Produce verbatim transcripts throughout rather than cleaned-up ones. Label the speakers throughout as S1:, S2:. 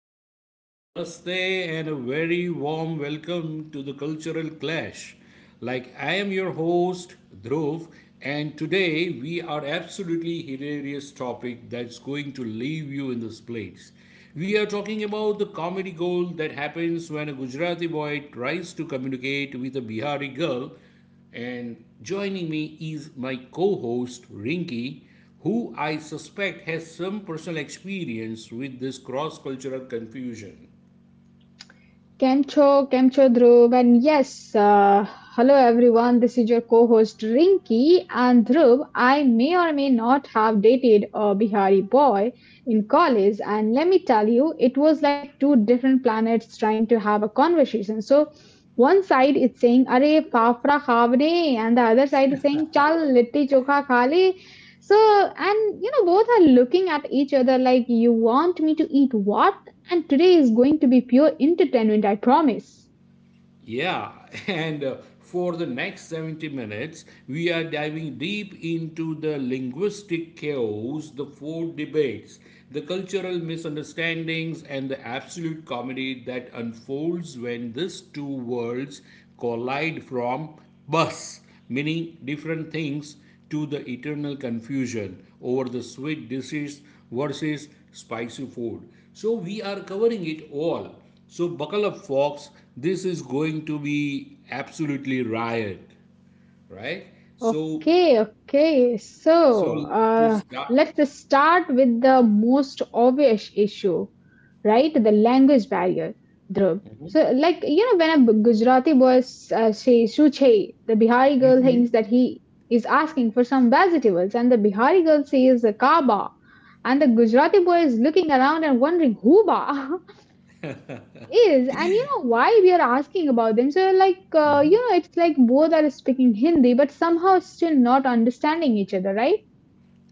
S1: hello, namaste, and a very warm welcome to the Cultural Clash. Like, I am your host, Dhruv, and today we are absolutely hilarious topic that's going to leave you in this place. We are talking about the comedy gold that happens when a Gujarati boy tries to communicate with a Bihari girl, and joining me is my co host, Rinky, who I suspect has some personal experience with this cross cultural confusion.
S2: Kemcho, Kemcho Dhruv, and yes, uh, hello everyone. This is your co-host Rinki and Dhruv. I may or may not have dated a Bihari boy in college, and let me tell you, it was like two different planets trying to have a conversation. So, one side is saying "Arey fafra khavne," and the other side is saying "Chal litti chokha khale." So, and you know, both are looking at each other like, "You want me to eat what?" And today is going to be pure entertainment, I promise.
S1: Yeah, and uh, for the next seventy minutes, we are diving deep into the linguistic chaos, the food debates, the cultural misunderstandings, and the absolute comedy that unfolds when these two worlds collide, from bus, meaning different things, to the eternal confusion over the sweet dishes versus spicy food. So, we are covering it all, so buckle up, folks. This is going to be absolutely riot, right? So,
S2: Okay, okay.
S1: so
S2: So,
S1: to
S2: uh,
S1: start.
S2: let's start with the most obvious issue, right? The language barrier, Dhruv. So, like, you know, when a Gujarati boy uh, says "suche," the Bihari girl thinks that he is asking for some vegetables, and the Bihari girl says "kaba," and the Gujarati boy is looking around and wondering "huba." is and you know why we are asking about them so like uh, you know it's like both are speaking hindi but somehow still not understanding each other right.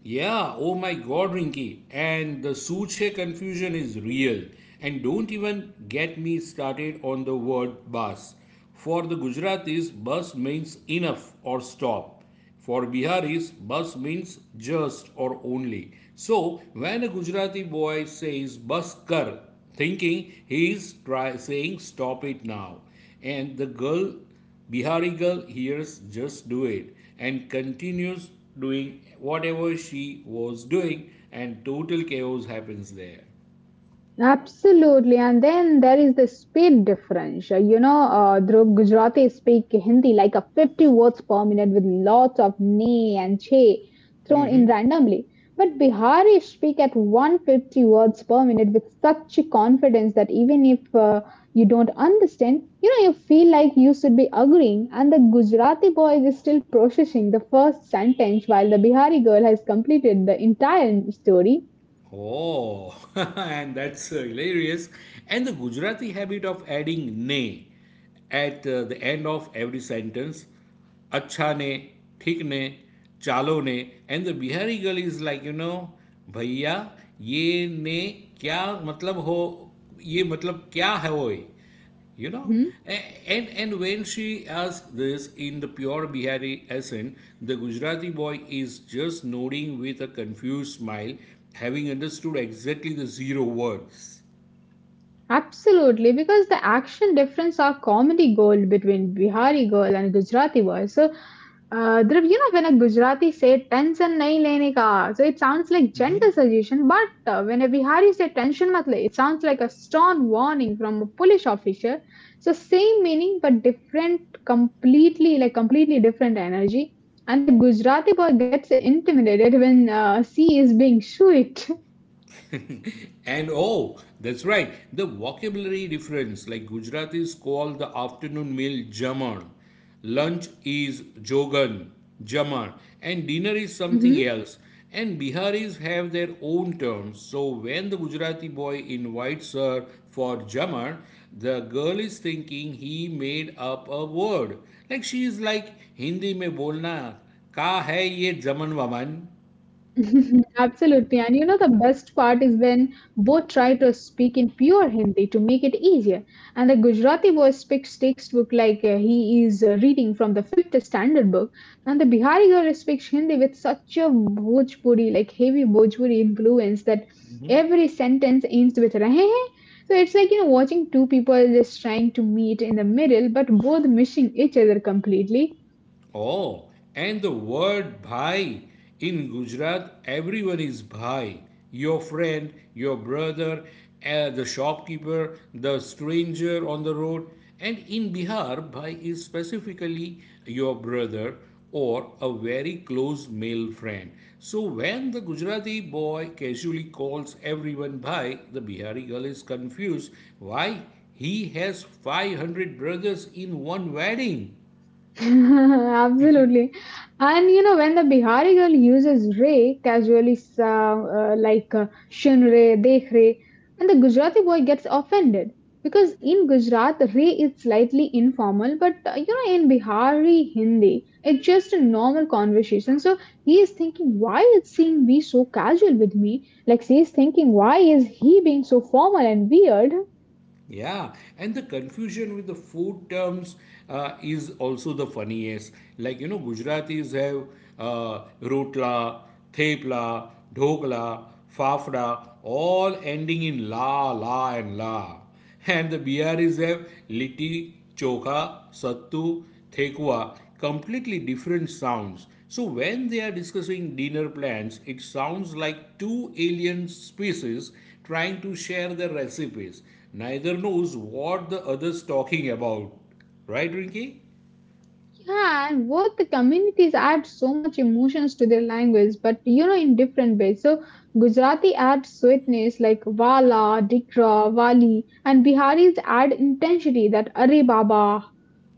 S1: Yeah, oh my god, Rinky. And the Suche confusion is real. And don't even get me started on the word bus. For the Gujaratis, bus means enough or stop. For Biharis, bus means just or only. So, when a Gujarati boy says bus kar, thinking he is try- saying stop it now, and the girl Bihari girl hears just do it and continues doing whatever she was doing, and total chaos happens there.
S2: Absolutely, and then there is the speed difference. Uh, You know, uh, Dhruv Gujarati speak Hindi like a fifty words per minute with lots of ne and che thrown in
S1: Mm-hmm.
S2: randomly. But Bihari speak at one hundred fifty words per minute with such confidence that even if uh, you don't understand, you know, you feel like you should be agreeing, and the Gujarati boy is still processing the first sentence while the Bihari girl has completed the entire story.
S1: Oh, and that's uh, hilarious. And the Gujarati habit of adding ne at uh, the end of every sentence, acha ne, thik ne, chalo ne, and the Bihari girl is like, you know, भैया ये ने क्या मतलब हो? ये मतलब क्या है वो? you know A- and and when she asks this in the pure Bihari accent, the Gujarati boy is just nodding with a confused smile, having understood exactly the zero words.
S2: Absolutely, because the action difference are comedy gold between Bihari girl and Gujarati boy. So, uh, Dhruv, you know, when a Gujarati say tension nahi lene ka, so it sounds like gentle suggestion, but uh, when a Bihari say tension mat le, it sounds like a stern warning from a police officer. So, same meaning but different, completely like completely different energy. And the Gujarati boy gets intimidated when uh, she is being sweet.
S1: And oh, that's right, the vocabulary difference, like Gujaratis call the afternoon meal jamar, lunch is jogan, jamar, and dinner is something else. And Biharis have their own terms. So when the Gujarati boy invites her for jamar, the girl is thinking he made up a word. Like, she is like, Hindi mein bolna, ka hai ye jaman waman?
S2: Absolutely. And you know, the best part is when both try to speak in pure Hindi to make it easier. And the Gujarati boy speaks textbook like uh, he is uh, reading from the fifth standard book. And the Bihari girl speaks Hindi with such a Bhojpuri, like heavy Bhojpuri influence that every sentence ends with rahe hain. So it's like, you know, watching two people just trying to meet in the middle, but both missing each other completely.
S1: Oh, and the word bhai. In Gujarat, everyone is bhai. Your friend, your brother, uh, the shopkeeper, the stranger on the road. And in Bihar, bhai is specifically your brother or a very close male friend. So when the Gujarati boy casually calls everyone bhai, the Bihari girl is confused why he has five hundred brothers in one wedding.
S2: Absolutely. And you know, when the Bihari girl uses re casually, so- uh, like uh, shun re, dekh re, and the Gujarati boy gets offended because in Gujarat, re is slightly informal, but uh, you know, in Bihari Hindi, it's just a normal conversation. So he is thinking, why is seeing be so casual with me? Like, she is thinking, why is he being so formal and weird?
S1: Yeah, and the confusion with the food terms uh, is also the funniest. Like, you know, Gujaratis have uh, rotla, thepla, dhokla, fafda, all ending in la, la, and la. And the Biharis have litti chokha, sattu, thekwa, completely different sounds. So when they are discussing dinner plans, it sounds like two alien species trying to share their recipes. Neither knows what the other's talking about. Right, Rinki.
S2: Yeah, and both the communities add so much emotions to their language, but you know, in different ways. So, Gujarati adds sweetness like wala, dikra, wali, and Biharis add intensity that are baba,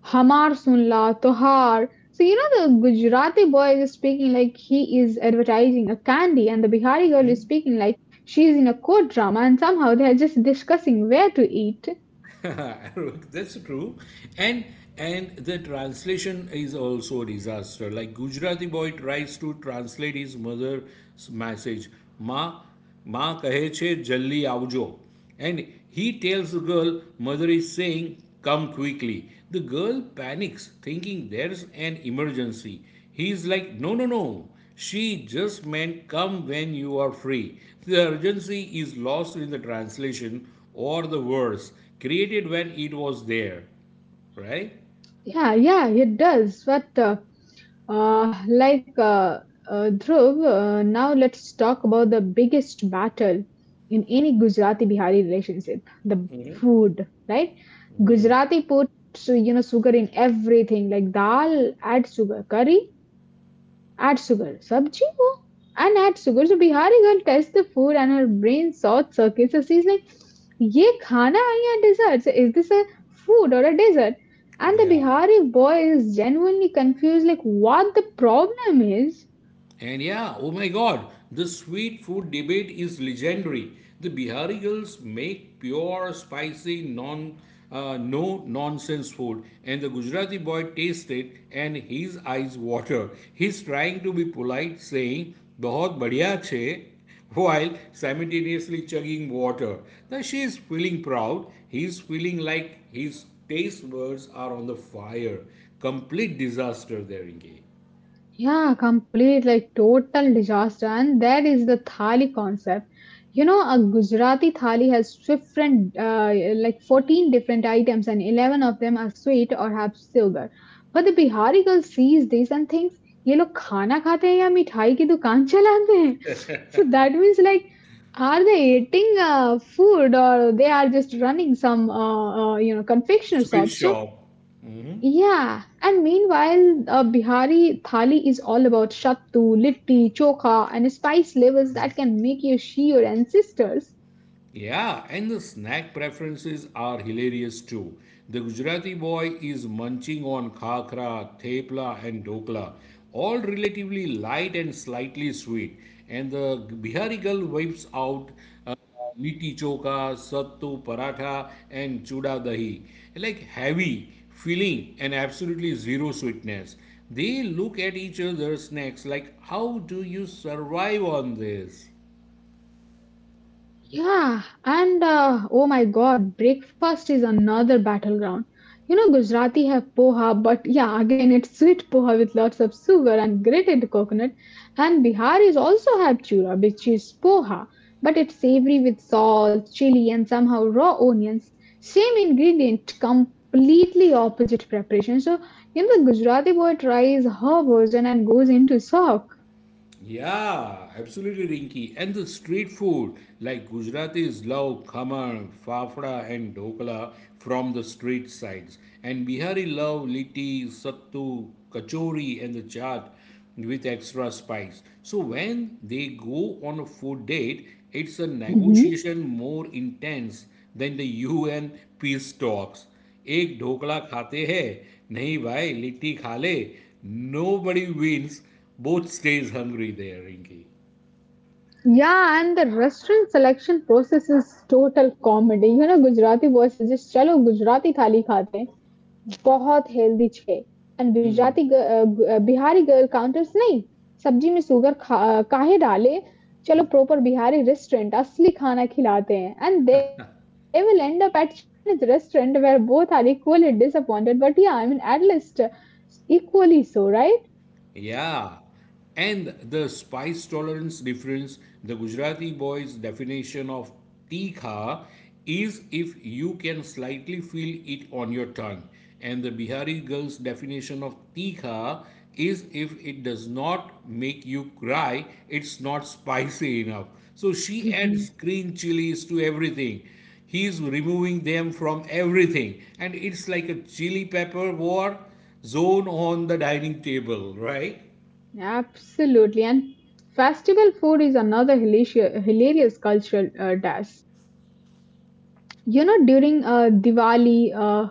S2: hamar sunla, tohar. So, you know, the Gujarati boy is speaking like he is advertising a candy, and the Bihari girl is speaking like she is in a court drama, and somehow they are just discussing where to eat.
S1: That's true. And and the translation is also a disaster. Like, Gujarati boy tries to translate his mother's message. Ma Ma kahe che jaldi avjo. And he tells the girl, mother is saying come quickly. The girl panics thinking there's an emergency. He's like, no, no, no. She just meant come when you are free. The urgency is lost in the translation, or the worse created when it was there, right?
S2: Yeah, yeah, it does. But uh, uh, like uh, uh, Dhruv, uh, now let's talk about the biggest battle in any Gujarati Bihari relationship, the food, right? Gujarati puts you know sugar in everything, like dal add sugar, curry add sugar. Sabji ko and add sugar. So Bihari girl tests the food and her brain thought circuits. So she's like, "Ye khana hai ya dessert? So is this a food or a dessert?" And the
S1: Yeah.
S2: Bihari boy is genuinely confused, like what the problem is.
S1: And yeah, oh my god, the sweet food debate is legendary. The Bihari girls make pure, spicy, non, uh, no nonsense food, and the Gujarati boy tastes it and his eyes water. He's trying to be polite, saying, बहुत बढ़िया छे, while simultaneously chugging water. Now she is feeling proud. He is feeling like his taste buds are on the fire. Complete disaster there, Inge.
S2: Yeah, complete like total disaster. And that is the thali concept. You know, a Gujarati thali has different, uh, like fourteen different items, and eleven of them are sweet or have sugar. But the Bihari girl sees this and thinks, ये लोग खाना खाते हैं या मिठाई की दुकान चलाते हैं. So that means like, are they eating uh, food or they are just running some, uh, uh, you know, confectioner
S1: Sweet
S2: shop? So
S1: shop.
S2: yeah, and meanwhile, uh, Bihari thali is all about shattu, litti, chokha, and spice levels that can make you shiver, ancestors.
S1: Yeah, and the snack preferences are hilarious too. The Gujarati boy is munching on khakra, thepla, and dokla, all relatively light and slightly sweet. And the Bihari girl wipes out uh, liti choka, sattu paratha, and chuda dahi. Like, heavy, filling, and absolutely zero sweetness. They look at each other's snacks like, how do you survive on this?
S2: Yeah, and uh, oh my god, breakfast is another battleground. You know, Gujarati have poha, but yeah, again, it's sweet poha with lots of sugar and grated coconut. And Biharis also have chura, which is poha, but it's savory with salt, chili, and somehow raw onions. Same ingredient, completely opposite preparation. So, you know, the Gujarati boy tries her version and goes into shock.
S1: Yeah, absolutely, Rinky. And the street food, like, Gujaratis love khamar, fafda, and dhokla from the street sides, and Bihari love litti, sattu, kachori, and the chaat with extra spice. So when they go on a food date, it's a negotiation more intense than the U N peace talks. एक ढोकला खाते हैं, नहीं भाई लिट्टी खा ले. Nobody wins. Both stage hungry there, Rinki.
S2: Yeah, and the restaurant selection process is total comedy. You know, Gujarati boy suggests, "चलो गुजराती थाली खाते हैं, बहुत हेल्दी छे." And Gujarati ग- अ, ग- अ, बिहारी girl counters नहीं, सब्जी में शुगर खा काहे डाले? चलो proper बिहारी restaurant असली खाना खिलाते हैं. And they will end up at Chinese restaurant where both are equally disappointed. But yeah, I mean at least uh, equally so, right?
S1: Yeah. And the spice tolerance difference, the Gujarati boy's definition of tikha is if you can slightly feel it on your tongue. And the Bihari girl's definition of tikha is if it does not make you cry, it's not spicy enough. So she adds green chilies to everything. He's removing them from everything. And it's like a chili pepper war zone on the dining table, right?
S2: Absolutely. And festival food is another hilarious, hilarious cultural uh, dash. You know, during uh, Diwali, uh,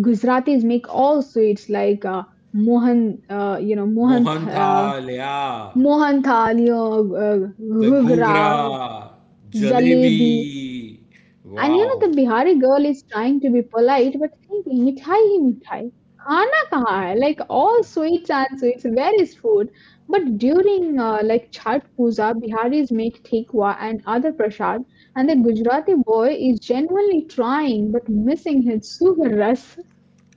S2: Gujaratis make all sweets like uh, mohan, uh, you know, mohan, th-
S1: Mohan
S2: uh,
S1: Thal, yeah.
S2: mohan thali, uh,
S1: The
S2: ghugra,
S1: Ghugra,
S2: jalebi,
S1: Jalebi.
S2: And you know,
S1: Wow.
S2: the Bihari girl is trying to be polite but thinking, mithai hi mithai. Khana kaha hai? Like all sweets and sweets, where is food? But during uh, like Chhat Puja, Biharis make tikwa and other prasad, and the Gujarati boy is genuinely trying but missing his sugar rush.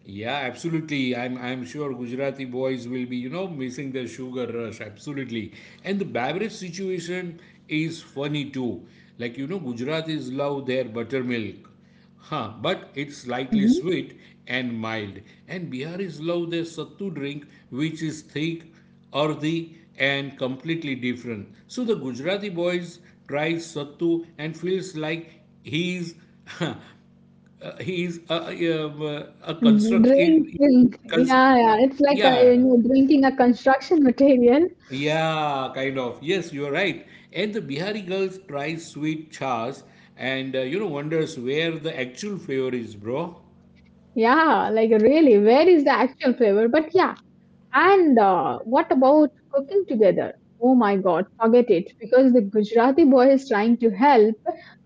S1: Yeah, absolutely. I'm I'm sure Gujarati boys will be, you know missing the sugar rush absolutely. And the beverage situation is funny too. Like, you know Gujaratis love their buttermilk. Huh, but it's slightly
S2: Mhm.
S1: sweet and mild. And Biharis love their sattu drink, which is thick, earthy, and completely different. So the Gujarati boys tries sattu and feels like he's Uh, he is a, a, um, a construct.
S2: Drink,
S1: he-
S2: drink.
S1: cons-
S2: Yeah, yeah. It's like a, you
S1: yeah,
S2: know, drinking a construction material.
S1: yeah, kind of. Yes, you are right. And the Bihari girls tries sweet chas and uh, you know wonders where the actual flavor is, bro.
S2: Yeah, like really, where is the actual flavor? But yeah, and uh, what about cooking together? Oh my god, forget it. Because the Gujarati boy is trying to help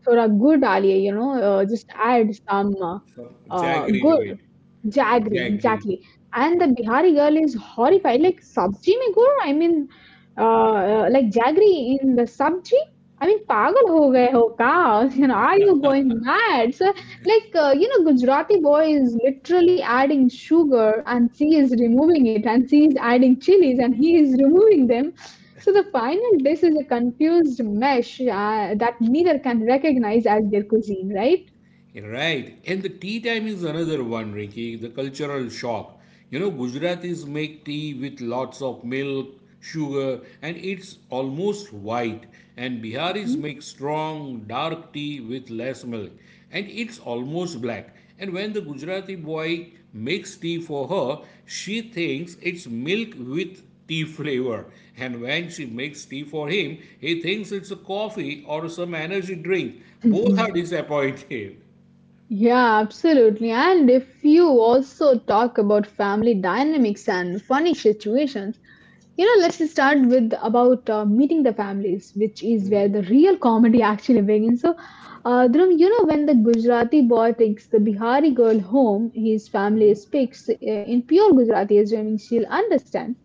S2: for a good aliyah, you know, uh, just add some uh,
S1: So,
S2: uh,
S1: Jaggery to
S2: good.
S1: it,
S2: Jaggery,
S1: jaggery.
S2: exactly. And the Bihari girl is horrified. Like, sabji mein gur? I mean, uh, uh, like jaggery in the sabji? I mean, pagal ho gaye ho ka? You know, are you going mad? Like, uh, you know, Gujarati boy is literally adding sugar and she is removing it, and she is adding chilies and he is removing them. So the final dish is a confused mesh uh, that neither can recognize as their cuisine, right?
S1: Right. And the tea time is another one, Ricky, the cultural shock. You know, Gujaratis make tea with lots of milk, sugar, and it's almost white. And Biharis
S2: Mhm.
S1: make strong, dark tea with less milk, and it's almost black. And when the Gujarati boy makes tea for her, she thinks it's milk with tea flavor. And when she makes tea for him, he thinks it's a coffee or some energy drink. Both are disappointed.
S2: Yeah, absolutely. And if you also talk about family dynamics and funny situations, you know, let's start with about uh, meeting the families, which is where the real comedy actually begins. So, uh, Dhruv, you know, when the Gujarati boy takes the Bihari girl home, his family speaks uh, in pure Gujarati, assuming she'll understand.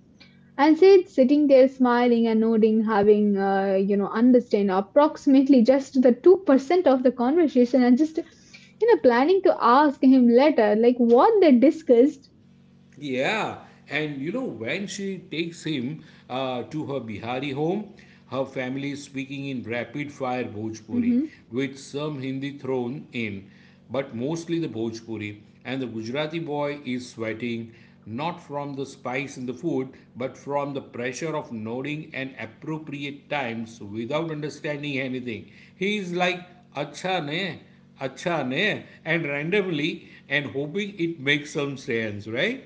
S2: And Sid sitting there smiling and nodding, having, uh, you know, understand approximately just the two percent of the conversation and just, you know, planning to ask him later, like what they discussed.
S1: Yeah, and you know, when she takes him uh, to her Bihari home, her family is speaking in rapid fire Bhojpuri
S2: Mm-hmm.
S1: with some Hindi thrown in, but mostly the Bhojpuri. And the Gujarati boy is sweating, not from the spice in the food, but from the pressure of nodding and appropriate times without understanding anything. He is like, acha ne, acha ne, and randomly, and hoping it makes some sense, right?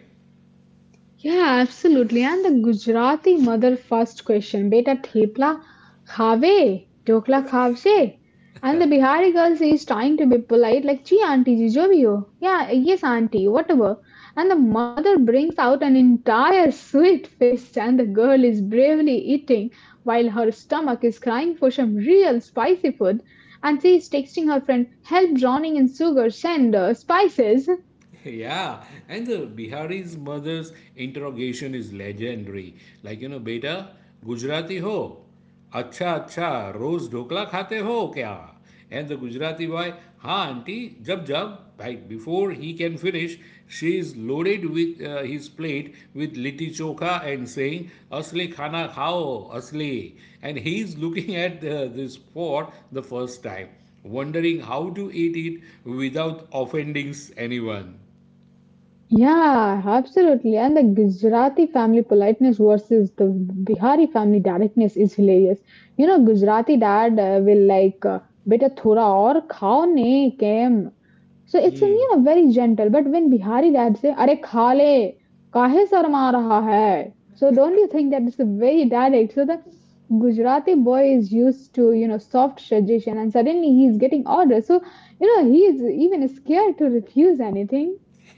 S2: Yeah, absolutely. And the Gujarati mother first question, beta thepla khave, dokla khavse. And the Bihari girl is trying to be polite, like, gee, auntie, ji, jo bhi ho. Yeah, yes, auntie, whatever. And the mother brings out an entire sweet feast, and the girl is bravely eating while her stomach is crying for some real spicy food. And she is texting her friend, help drowning in sugar, send uh, spices.
S1: Yeah, and the Bihari's mother's interrogation is legendary. Like, you know, beta, Gujarati ho? Acha, acha, roz dhokla khate ho kya? And the Gujarati boy, ha auntie, jab jab. Right, before he can finish, she is loaded with uh, his plate with litti chokha and saying, asli khana khao, asli. And he is looking at uh, this pot the first time, wondering how to eat it without offending anyone.
S2: Yeah, absolutely. And the Gujarati family politeness versus the Bihari family directness is hilarious. You know, Gujarati dad uh, will like, uh, beta thoda aur khao ne kem. So it's
S1: Mm.
S2: you know very gentle. But when Bihari dad say, अरे खा ले काहे शर्मा रहा है? So don't you think that it's a very direct? So the Gujarati boy is used to you know soft suggestion, and suddenly he is getting orders. So you know he is even scared to refuse anything.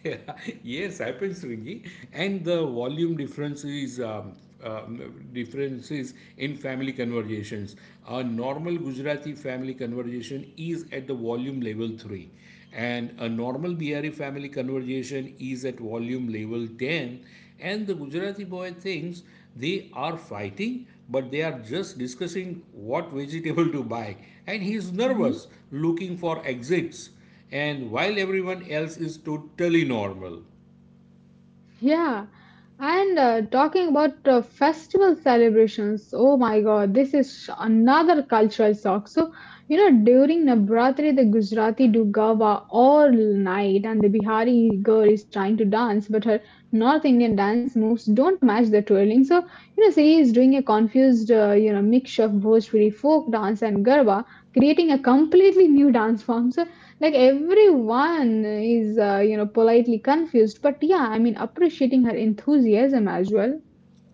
S1: Yes, happens, Ringy. And the volume difference is um, um, differences in family conversations. A normal Gujarati family conversation is at the volume level three, and a normal Bihari family conversation is at volume level ten. And the Gujarati boy thinks they are fighting, but they are just discussing what vegetable to buy, and he is nervous, looking for exits, and while everyone else is totally normal.
S2: Yeah, and uh, talking about uh, festival celebrations, oh my God, this is another cultural shock. You know, during Navratri, the Gujarati do Garba all night, and the Bihari girl is trying to dance, but her North Indian dance moves don't match the twirling. So, you know, she is doing a confused, uh, you know, mix of Bhojpuri folk dance and Garba, creating a completely new dance form. So, like everyone is, uh, you know, politely confused, but yeah, I mean, appreciating her enthusiasm as well.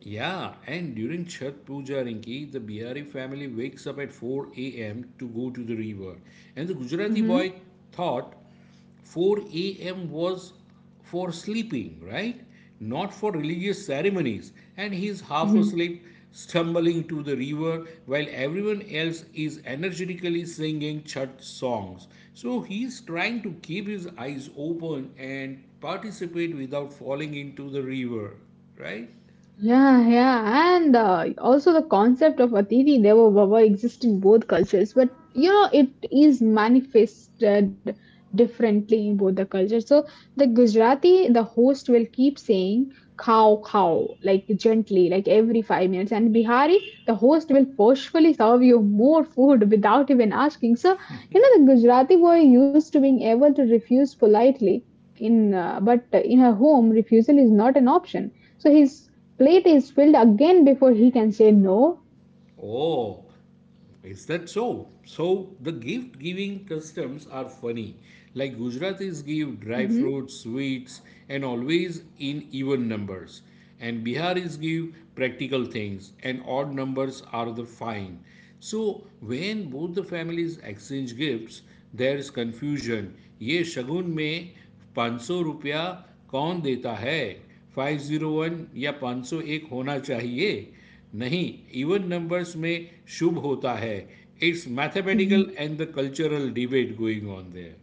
S1: Yeah, and during Chhat Puja, Rinki, the Bihari family wakes up at four a m to go to the river. And the Gujarati
S2: Hmm.
S1: boy thought four a m was for sleeping, right? Not for religious ceremonies. And he's half asleep, stumbling to the river while everyone else is energetically singing Chhat songs. So he's trying to keep his eyes open and participate without falling into the river, right?
S2: Yeah, yeah, and uh, also the concept of Atiti Devo Bhava exists in both cultures, but you know it is manifested differently in both the cultures. So the Gujarati, the host will keep saying "cow cow" like gently, like every five minutes, and Bihari, the host will forcefully serve you more food without even asking. So you know the Gujarati boy used to being able to refuse politely in, uh, but in her home, refusal is not an option. So he's Plate is filled again before he can say no.
S1: Oh, is that so? So the gift giving customs are funny. Like, Gujaratis give dry
S2: Mhm.
S1: fruits, sweets, and always in even numbers. And Biharis give practical things, and odd numbers are the fine. So when both the families exchange gifts, there is confusion. ये शगुन में पाँच सौ रुपया कौन देता है? पाँच सौ एक या पाँच सौ एक होना चाहिए. नहीं, इवन नंबर्स में शुभ होता है. It's mathematical and the cultural debate going on there.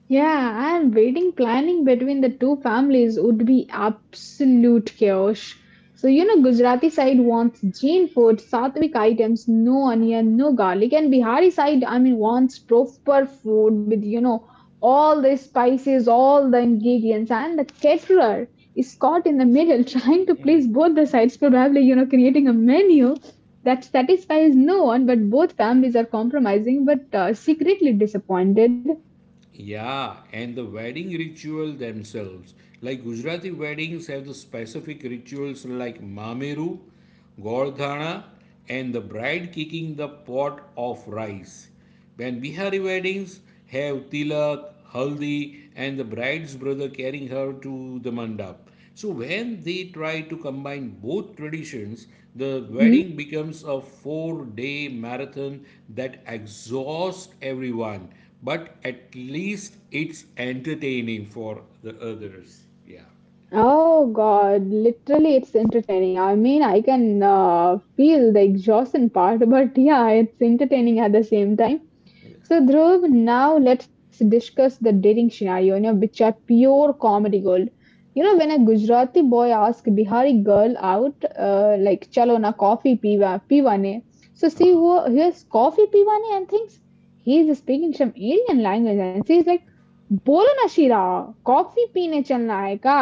S2: Yeah, and wedding planning between the two families would be absolute chaos. So, you know, Gujarati side wants Jain food, Sattvic items, no onion, no garlic, and Bihari side, I mean, wants proper food with, you know, all the spices, all the ingredients, and the caterer is caught in the middle trying to please both the sides, probably, you know, creating a menu that satisfies no one, but both families are compromising but uh, secretly disappointed.
S1: Yeah, and the wedding ritual themselves. Like, Gujarati weddings have the specific rituals like Mameru, Gordhana, and the bride kicking the pot of rice. When Bihari weddings have Tilak, Haldi, and the bride's brother carrying her to the mandap. So when they try to combine both traditions, the
S2: Hmm?
S1: wedding becomes a four-day marathon that exhausts everyone, but at least it's entertaining for the others. Yeah.
S2: Oh God, literally, it's entertaining. I mean, I can uh, feel the exhaustion part, but yeah, it's entertaining at the same time. So, Dhruv, now let's discuss the dating scenario, you know, which are pure comedy gold. You know, when a Gujarati boy asks Bihari girl out, uh, like, chalo na coffee piva, piwane. So, she who hears coffee piwane and thinks he is speaking some Indian language and she's like, bolo na shira, coffee peene chalna hai ka?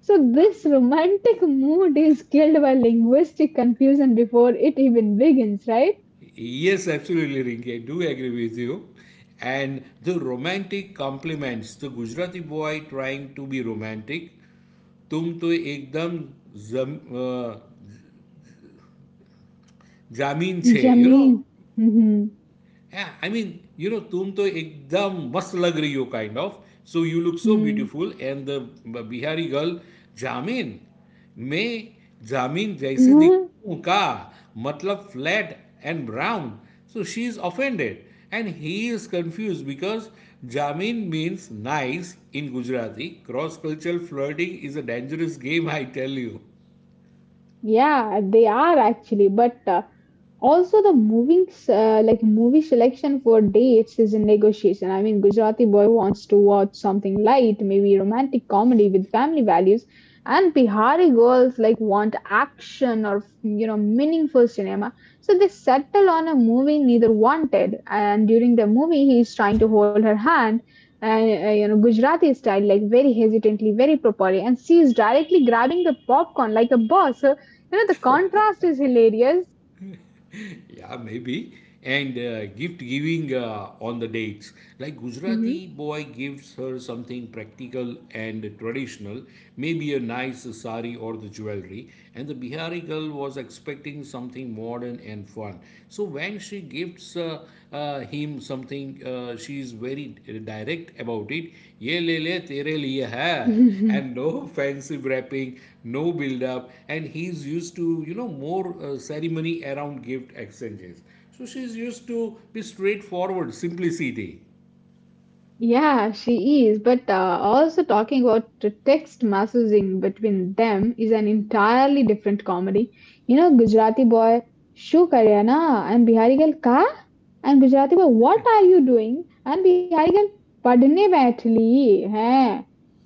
S2: So, this romantic mood is killed by linguistic confusion before it even begins, right?
S1: Yes, absolutely, Rinki. I do agree with you. And the romantic compliments, the Gujarati boy trying to be romantic, तुम तो एकदम जम, अ, जामीन. You
S2: Jameen.
S1: know. Yeah, I mean, you know, तुम तो एकदम मस्त लग रही हो, kind of. So, you look so
S2: hmm
S1: beautiful. And the Bihar girl, Jamin, me Jamin, Jaisi
S2: 嗯
S1: dikhu ka, means flat and brown. So she is offended, and he is confused because Jamin means nice in Gujarati. Cross-cultural flirting is a dangerous game, I tell you.
S2: Yeah, they are actually, but uh, also the moving s- uh, like movie selection for dates is a negotiation. I mean, Gujarati boy wants to watch something light, maybe romantic comedy with family values, and Bihari girls like want action or you know meaningful cinema. So they settle on a movie neither wanted, and during the movie he is trying to hold her hand. And uh, you know Gujarati style, like very hesitantly, very properly, and she is directly grabbing the popcorn like a boss. So you know, the contrast is hilarious.
S1: Yeah, maybe. And uh, Gift giving uh, on the dates. Like
S2: Hmm
S1: Gujarati boy gives her something practical and traditional, maybe a nice sari or the jewelry. And the Bihari girl was expecting something modern and fun. So when she gifts uh, uh, him something. Uh, she is very direct about it. Ye le le, ले तेरे liye hai, and no fancy wrapping, no build up. And he's used to, you know, more uh, ceremony around gift exchanges. So she's used to be straightforward, simplicity.
S2: yeah, she is. But uh, also talking about the text messaging between them is an entirely different comedy. You know, Gujarati boy, shu karya na? And Bihari girl, ka? And Gujarati boy, what are you doing? And Bihari girl, padne baithli hai.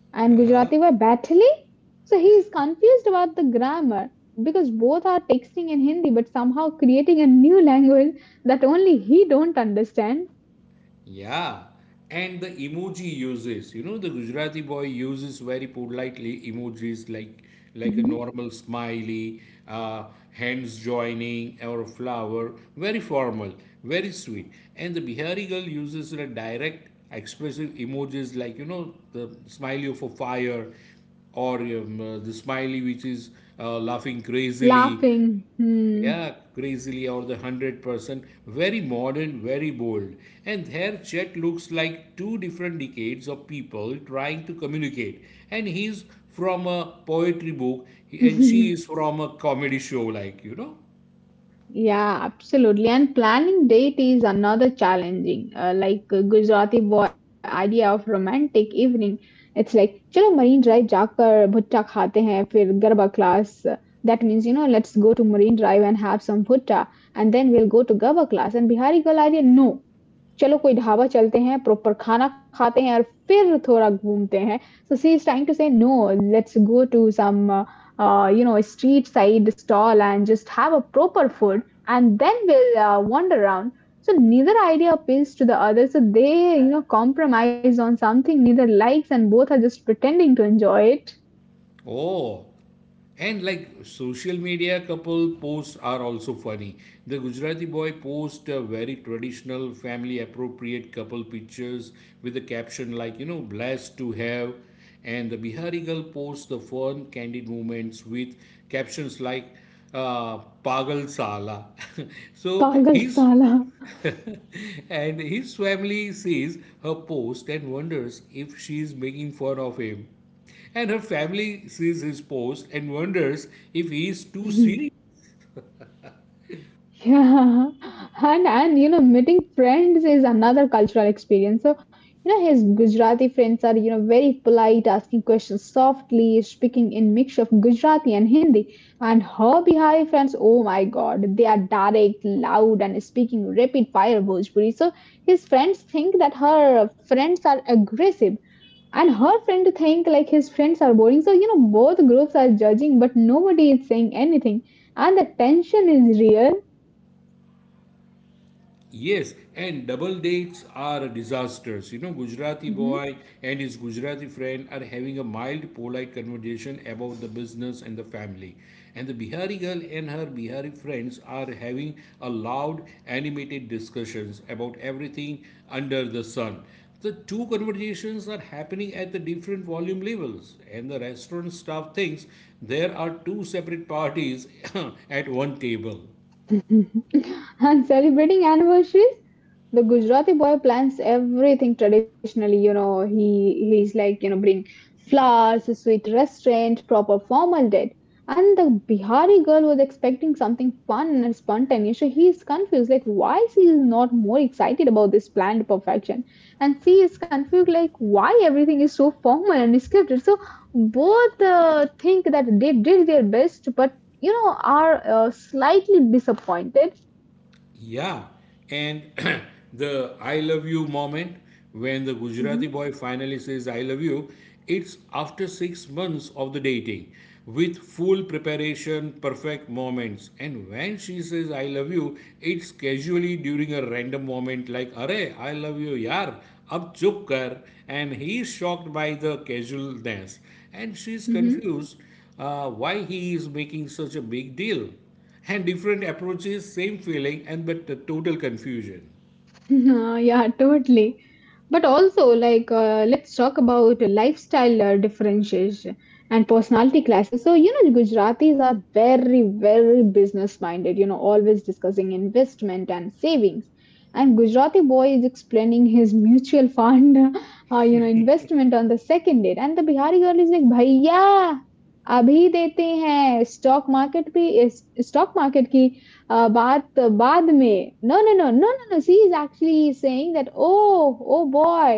S2: And Gujarati were battling. So he is confused about the grammar because both are texting in Hindi but somehow creating a new language that only he don't understand.
S1: Yeah, and the emoji uses, you know, the Gujarati boy uses very politely emojis like like a
S2: Mhm.
S1: normal smiley, uh, hands joining, or flower. Very formal, very sweet. And the Bihari girl uses the direct, expressive emojis like, you know, the smiley of a fire, or um, uh, the smiley which is uh, laughing crazily,
S2: Laughing. Hmm.
S1: yeah, crazily, or the one hundred percent, very modern, very bold. And their chat looks like two different decades of people trying to communicate. And he's from a poetry book, and she is from a comedy show, like, you know.
S2: Yeah, absolutely. And planning date is another challenging, uh, like uh, Gujarati boy idea of romantic evening. It's like, "Chalo Marine Drive जाकर भुट्टा खाते हैं फिर garba class. That means, you know, let's go to Marine Drive and have some bhutta, and then we'll go to Garba class. And Bihari girl idea, no. चलो कोई ढाबा चलते हैं, proper खाना खाते हैं और फिर थोड़ा घूमते हैं। So she is trying to say, "No, let's go to some, uh, you know, street side stall and just have a proper food, and then we'll uh, wander around." So neither idea appeals to the other, so they, you know, compromise on something neither likes, and both are just pretending to enjoy it.
S1: Oh, and like social media couple posts are also funny. The Gujarati boy post a very traditional family appropriate couple pictures with a caption like, you know, blessed to have. And the Bihari girl posts the fun candid moments with captions like uh, Pagal Sala. So
S2: Pagal
S1: his
S2: sala.
S1: and his family sees her post and wonders if she is making fun of him. And her family sees his post and wonders if he is too serious.
S2: Yeah, and and you know, meeting friends is another cultural experience. So, you know, his Gujarati friends are, you know, very polite, asking questions softly, speaking in mix of Gujarati and Hindi. And her Bihari friends, oh my God, they are direct, loud, and speaking rapid fire Bhojpuri. So his friends think that her friends are aggressive, and her friend think like his friends are boring. So, you know, both groups are judging, but nobody is saying anything, and the tension is real.
S1: Yes, and double dates are disasters. You know, Gujarati
S2: Mhm.
S1: boy and his Gujarati friend are having a mild, polite conversation about the business and the family. And the Bihari girl and her Bihari friends are having a loud, animated discussions about everything under the sun. The two conversations are happening at the different volume levels, and the restaurant staff thinks there are two separate parties at one table.
S2: And celebrating anniversaries, the Gujarati boy plans everything traditionally. You know, he he's like you know bring flowers, a sweet restaurant, proper formal date. And the Bihari girl was expecting something fun and spontaneous. So he's confused, like why she is not more excited about this planned perfection, and she is confused, like why everything is so formal and scripted. So both uh, think that they did their best, but you know, are uh, slightly disappointed.
S1: Yeah, and the I love you moment when the
S2: Mm-hmm.
S1: Gujarati boy finally says I love you, it's after six months of the dating with full preparation, perfect moments. And when she says I love you, it's casually during a random moment like, Are, I love you, yaar, ab chup kar. And he's shocked by the casualness. And she's confused uh, why he is making such a big deal and different approaches, same feeling, and but the total confusion.
S2: Uh, yeah, totally. But also, like, uh, let's talk about lifestyle uh, differences and personality classes. So, you know, Gujaratis are very, very business minded, you know, always discussing investment and savings. And Gujarati boy is explaining his mutual fund, uh, you know, investment on the second date. And the Bihari girl is like, भैया अभी देते हैं stock market भी stock market की uh, baat baad mein. No, no, no, no, no, no. She is actually saying that, oh, oh boy,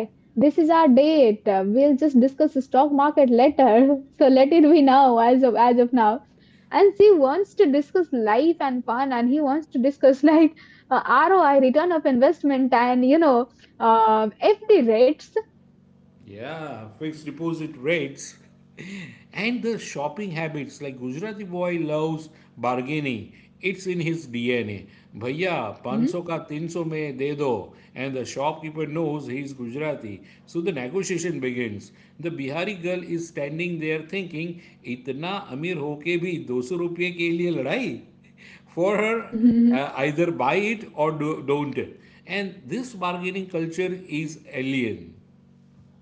S2: this is our date. Uh, We'll just discuss the stock market later. So let it be now, as of as of now. And she wants to discuss life and fun, and he wants to discuss like uh, R O I, return of investment, and you know, uh, F D rates.
S1: Yeah, fixed deposit rates and the shopping habits like Gujarati boy loves bargaining. It's in his D N A. Bhaiya,
S2: Mhm.
S1: five hundred ka three hundred mein de do. And the shopkeeper knows he's Gujarati. So the negotiation begins. The Bihari girl is standing there thinking, इतना अमीर होके भी do sau रुपये के लिए लड़ाई? For her, uh, either buy it or do, don't. And this bargaining culture is alien.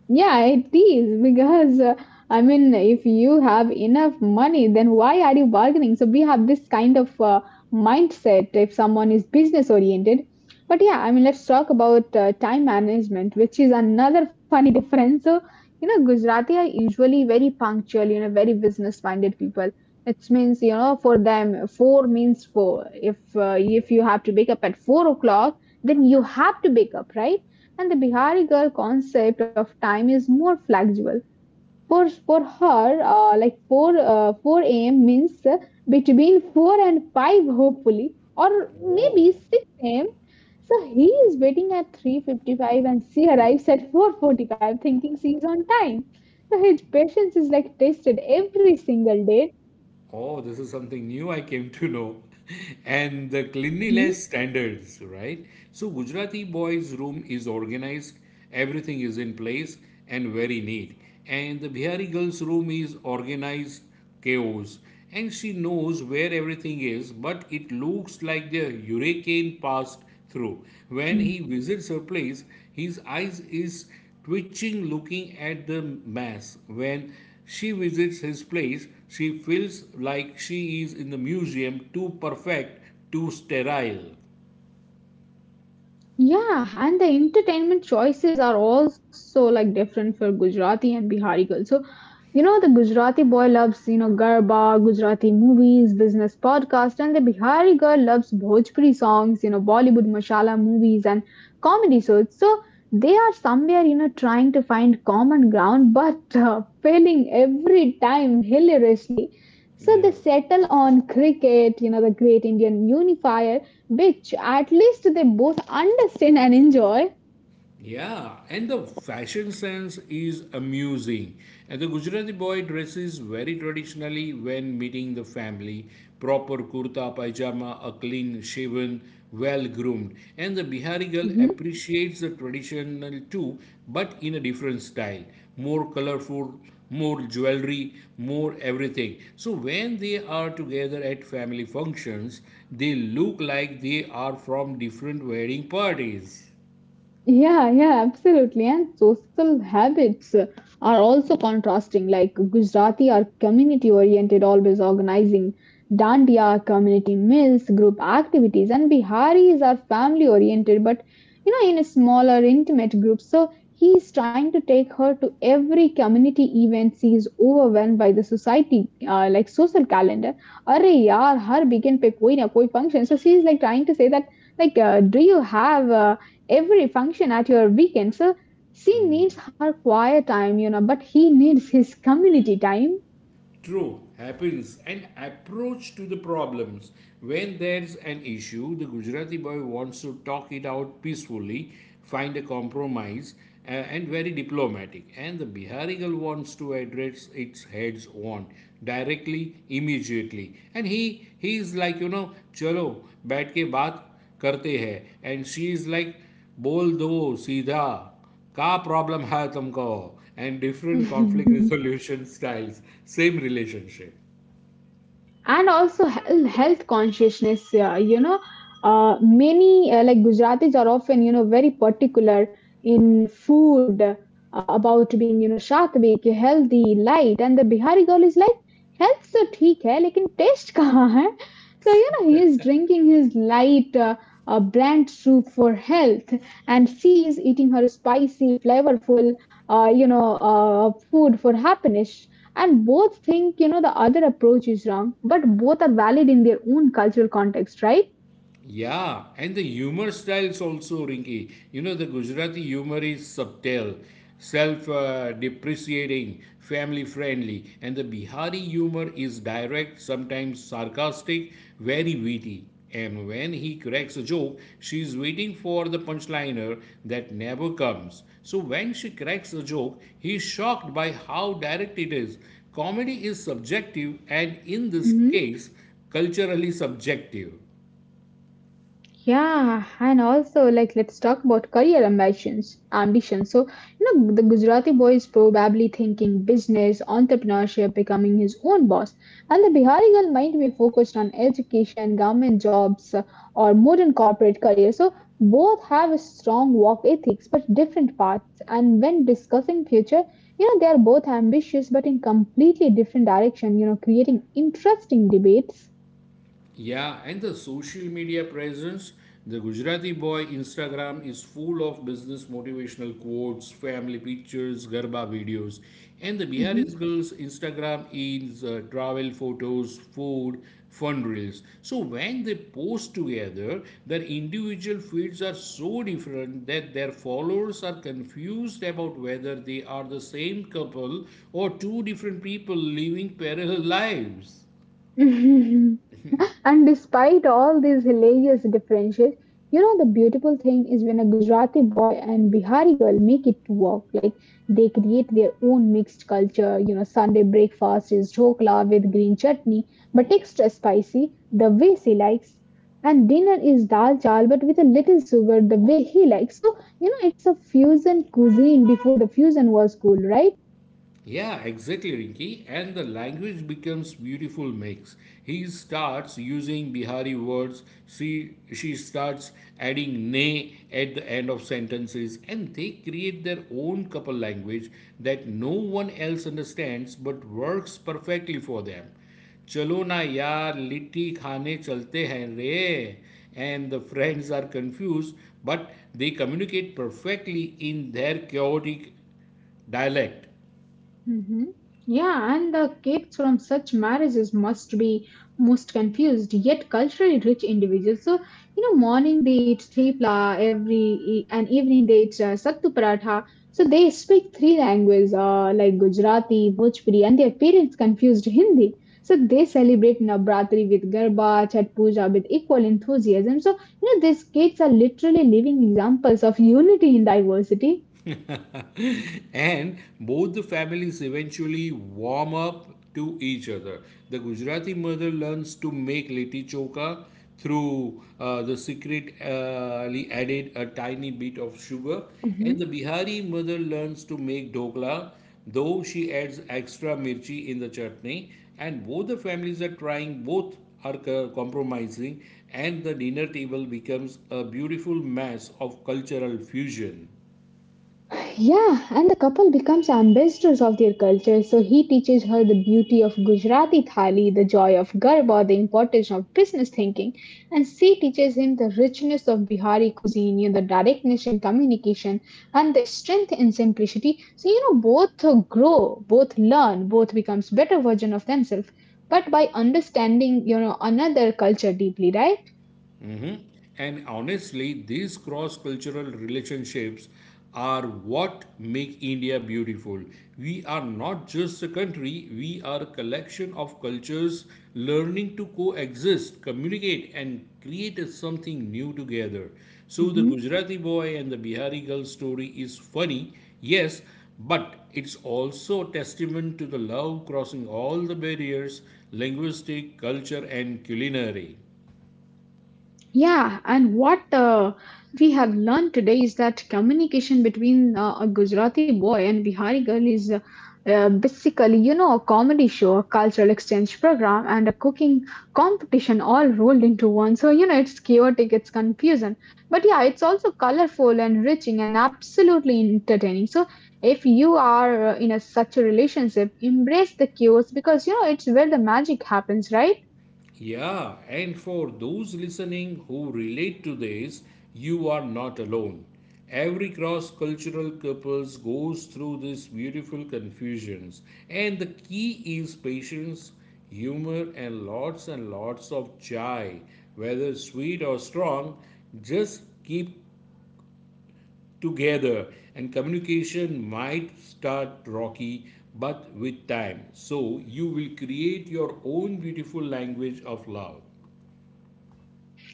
S2: Yeah, it is because uh, I mean, if you have enough money, then why are you bargaining? So we have this kind of uh, mindset if someone is business oriented. But yeah, I mean, let's talk about uh, time management, which is another funny difference. So, you know, Gujarati are usually very punctual, you know, very business minded people. It means, you know, for them, four means four. If uh, if you have to wake up at four o'clock, then you have to wake up, right? And the Bihari girl concept of time is more flexible. For for her, uh, like four uh, four a m means uh, between four and five, hopefully, or maybe six a m. So he is waiting at three fifty-five and she arrives at four forty-five thinking she is on time. So his patience is like tested every single day.
S1: Oh, this is something new I came to know. And the
S2: Mhm.
S1: cleanliness standards, right? So, Gujarati boys' room is organized, everything is in place and very neat. And the Bihari girl's room is organized chaos. And she knows where everything is, but it looks like the hurricane passed through. When he visits her place, his eyes is twitching looking at the mass. When she visits his place, she feels like she is in the museum, too perfect, too sterile.
S2: Yeah, and the entertainment choices are also like different for Gujarati and Bihari girls. So, you know, the Gujarati boy loves, you know, Garba, Gujarati movies, business podcast, and the Bihari girl loves Bhojpuri songs, you know, Bollywood masala movies and comedy shows. So they are somewhere, you know, trying to find common ground, but uh, failing every time hilariously. So they
S1: Yeah.
S2: settle on cricket, you know, the great Indian unifier, which at least they both understand and enjoy.
S1: Yeah, and the fashion sense is amusing. And the Gujarati boy dresses very traditionally when meeting the family, proper kurta, pajama, a clean shaven, well groomed. And the Bihari girl
S2: Mhm.
S1: appreciates the traditional too, but in a different style, more colorful, more jewelry, more everything. So when they are together at family functions, they look like they are from different wedding parties.
S2: Yeah, yeah, absolutely. And social habits uh, are also contrasting. Like Gujarati are community oriented, always organizing. Dandiya are community meals, group activities, and Biharis are family oriented, but you know, in a smaller, intimate group. So he is trying to take her to every community event. She is overwhelmed by the society, uh, like social calendar. Arre yaar, यार weekend pe koi कोई koi function. So she is like trying to say that like uh, do you have uh, every function at your weekend. So she needs her quiet time, you know, but he needs his community time.
S1: True, happens. And approach to the problems. When there's an issue, the Gujarati boy wants to talk it out peacefully, find a compromise, uh, and very diplomatic. And the Bihari girl wants to address its heads on directly, immediately. And he he is like, you know, chalo, बैठ ke baat karte hai. And she is like, bol दो सीधा Ka problem hai tumko, and different conflict resolution styles, same relationship.
S2: And also he- health consciousness uh, you know uh, many uh, like gujaratis are often you know very particular in food uh, about being you know shatvik healthy light and the bihari girl is like health so theek hai lekin taste kahan hai so you know he is drinking his light uh, uh, brand soup for health and she is eating her spicy flavorful uh, you know uh, food for happiness and both think, you know, the other approach is wrong, but both are valid in their own cultural context, right?
S1: Yeah, and the humor styles also, Rinky. You know, the Gujarati humor is subtle, self uh, depreciating, family friendly, and the Bihari humor is direct, sometimes sarcastic, very witty. And when he cracks a joke, she's waiting for the punchliner that never comes. So when she cracks a joke, he's shocked by how direct it is. Comedy is subjective, and in this
S2: Mhm.
S1: case, culturally subjective.
S2: Yeah, and also like let's talk about career ambitions. Ambitions. So you know the Gujarati boy is probably thinking business, entrepreneurship, becoming his own boss, and the Bihari girl might be focused on education, government jobs, uh, or modern corporate career. So both have a strong work ethics, but different paths. And when discussing future, you know they are both ambitious, but in completely different direction. You know, creating interesting debates.
S1: Yeah, and the social media presence. The Gujarati boy Instagram is full of business motivational quotes, family pictures, garba videos, and the Bihari's
S2: Mm-hmm.
S1: girls Instagram is uh, travel photos, food, fun reels. So when they post together, their individual feeds are so different that their followers are confused about whether they are the same couple or two different people living parallel lives.
S2: And despite all these hilarious differences, you know, the beautiful thing is when a Gujarati boy and Bihari girl make it to work, like they create their own mixed culture. You know, Sunday breakfast is dhokla with green chutney, but extra spicy, the way she likes. And dinner is dal chal, but with a little sugar, the way he likes. So, you know, it's a fusion cuisine before the fusion was cool, right?
S1: Yeah, exactly, Rinki. And the language becomes beautiful mix. He starts using Bihari words. She she starts adding ne at the end of sentences, and they create their own couple language that no one else understands, but works perfectly for them. Chalo na ना litti khane chalte hain re, and the friends are confused but they communicate perfectly in their chaotic dialect.
S2: hmm Yeah, and the cakes from such marriages must be most confused, yet culturally rich individuals. So, you know, morning they eat tripla, every e-, and evening they eat uh, sattu paratha. So they speak three languages, uh, like Gujarati, Bhojpuri, and their parents confused Hindi. So they celebrate Navratri with Garba, Chat Puja with equal enthusiasm. So, you know, these kids are literally living examples of unity in diversity.
S1: And both the families eventually warm up to each other. The Gujarati mother learns to make litti choka through uh, the secretly added a tiny bit of sugar, and the Bihari mother learns to make dhokla, though she adds extra mirchi in the chutney. And both the families are trying, both are compromising, and the dinner table becomes a beautiful mass of cultural fusion.
S2: Yeah, and the couple becomes ambassadors of their culture. So he teaches her the beauty of Gujarati thali, the joy of garba, the importance of business thinking, and she teaches him the richness of Bihari cuisine, you know, the directness in communication, and the strength in simplicity. So you know, both grow, both learn, both becomes better version of themselves, but by understanding you know another culture deeply, right?
S1: Mhm. And honestly, these cross cultural relationships are what make India beautiful. We are not just a country, we are a collection of cultures learning to coexist, communicate, and create something new together. So, the Gujarati boy and the Bihari girl story is funny, yes, but it's also a testament to the love crossing all the barriers, linguistic, culture, and culinary.
S2: Yeah, and what uh, we have learned today is that communication between uh, a Gujarati boy and Bihari girl is uh, uh, basically, you know, a comedy show, a cultural exchange program, and a cooking competition all rolled into one. So, you know, it's chaotic, it's confusing, but yeah, it's also colorful, enriching, and absolutely entertaining. So, if you are uh, in a such a relationship, embrace the chaos because, you know, it's where the magic happens, right?
S1: Yeah, and for those listening who relate to this, you are not alone. Every cross cultural couples goes through these beautiful confusions, and the key is patience, humor, and lots and lots of chai, whether sweet or strong. Just keep together, and communication might start rocky, but with time. So, you will create your own beautiful language of love.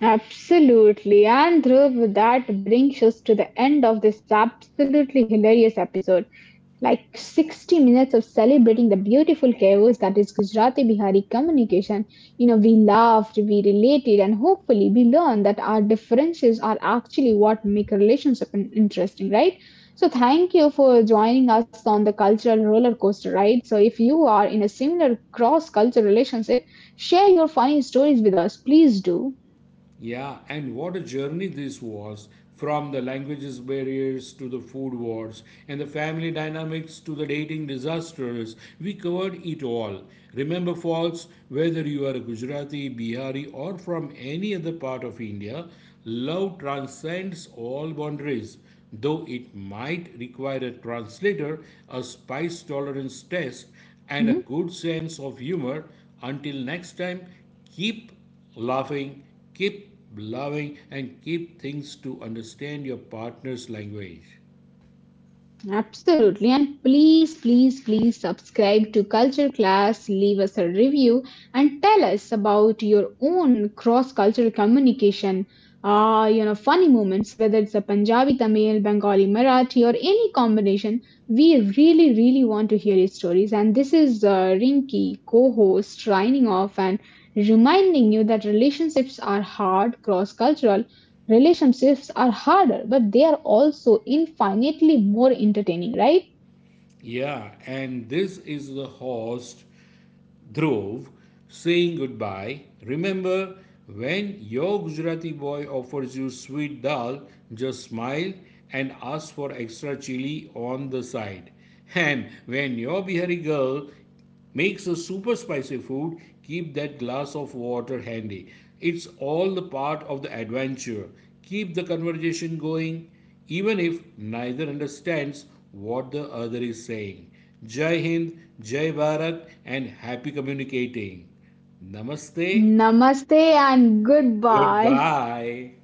S2: Absolutely. And Dhruv, that brings us to the end of this absolutely hilarious episode. Like sixty minutes of celebrating the beautiful chaos that is Gujarati Bihari communication. You know, we laughed, we related, and hopefully we learned that our differences are actually what make a relationship in- interesting, right? So, thank you for joining us on the cultural roller coaster ride. So, if you are in a similar cross cultural relationship, share your funny stories with us. Please do.
S1: Yeah, and what a journey this was, from the languages barriers to the food wars and the family dynamics to the dating disasters. We covered it all. Remember, folks, whether you are a Gujarati, Bihari, or from any other part of India, love transcends all boundaries. Though it might require a translator, a spice tolerance test, and a
S2: Mhm.
S1: good sense of humor, until next time, keep laughing, keep loving, and keep things to understand your partner's language.
S2: Absolutely. And please, please, please subscribe to Culture Class, leave us a review, and tell us about your own cross cultural communication. Ah, you know, funny moments, whether it's a Punjabi, Tamil, Bengali, Marathi, or any combination. We really, really want to hear your stories. And this is uh, Rinky, co host, signing off and reminding you that relationships are hard, cross cultural, Relationships are harder, but they are also infinitely more entertaining, right?
S1: Yeah, and this is the host, Dhruv, saying goodbye. Remember, when your Gujarati boy offers you sweet dal, just smile and ask for extra chili on the side. And when your Bihari girl makes a super spicy food, keep that glass of water handy. It's all the part of the adventure. Keep the conversation going, even if neither understands what the other is saying. Jai Hind, Jai Bharat, and happy communicating. Namaste,
S2: Namaste and goodbye.
S1: goodbye.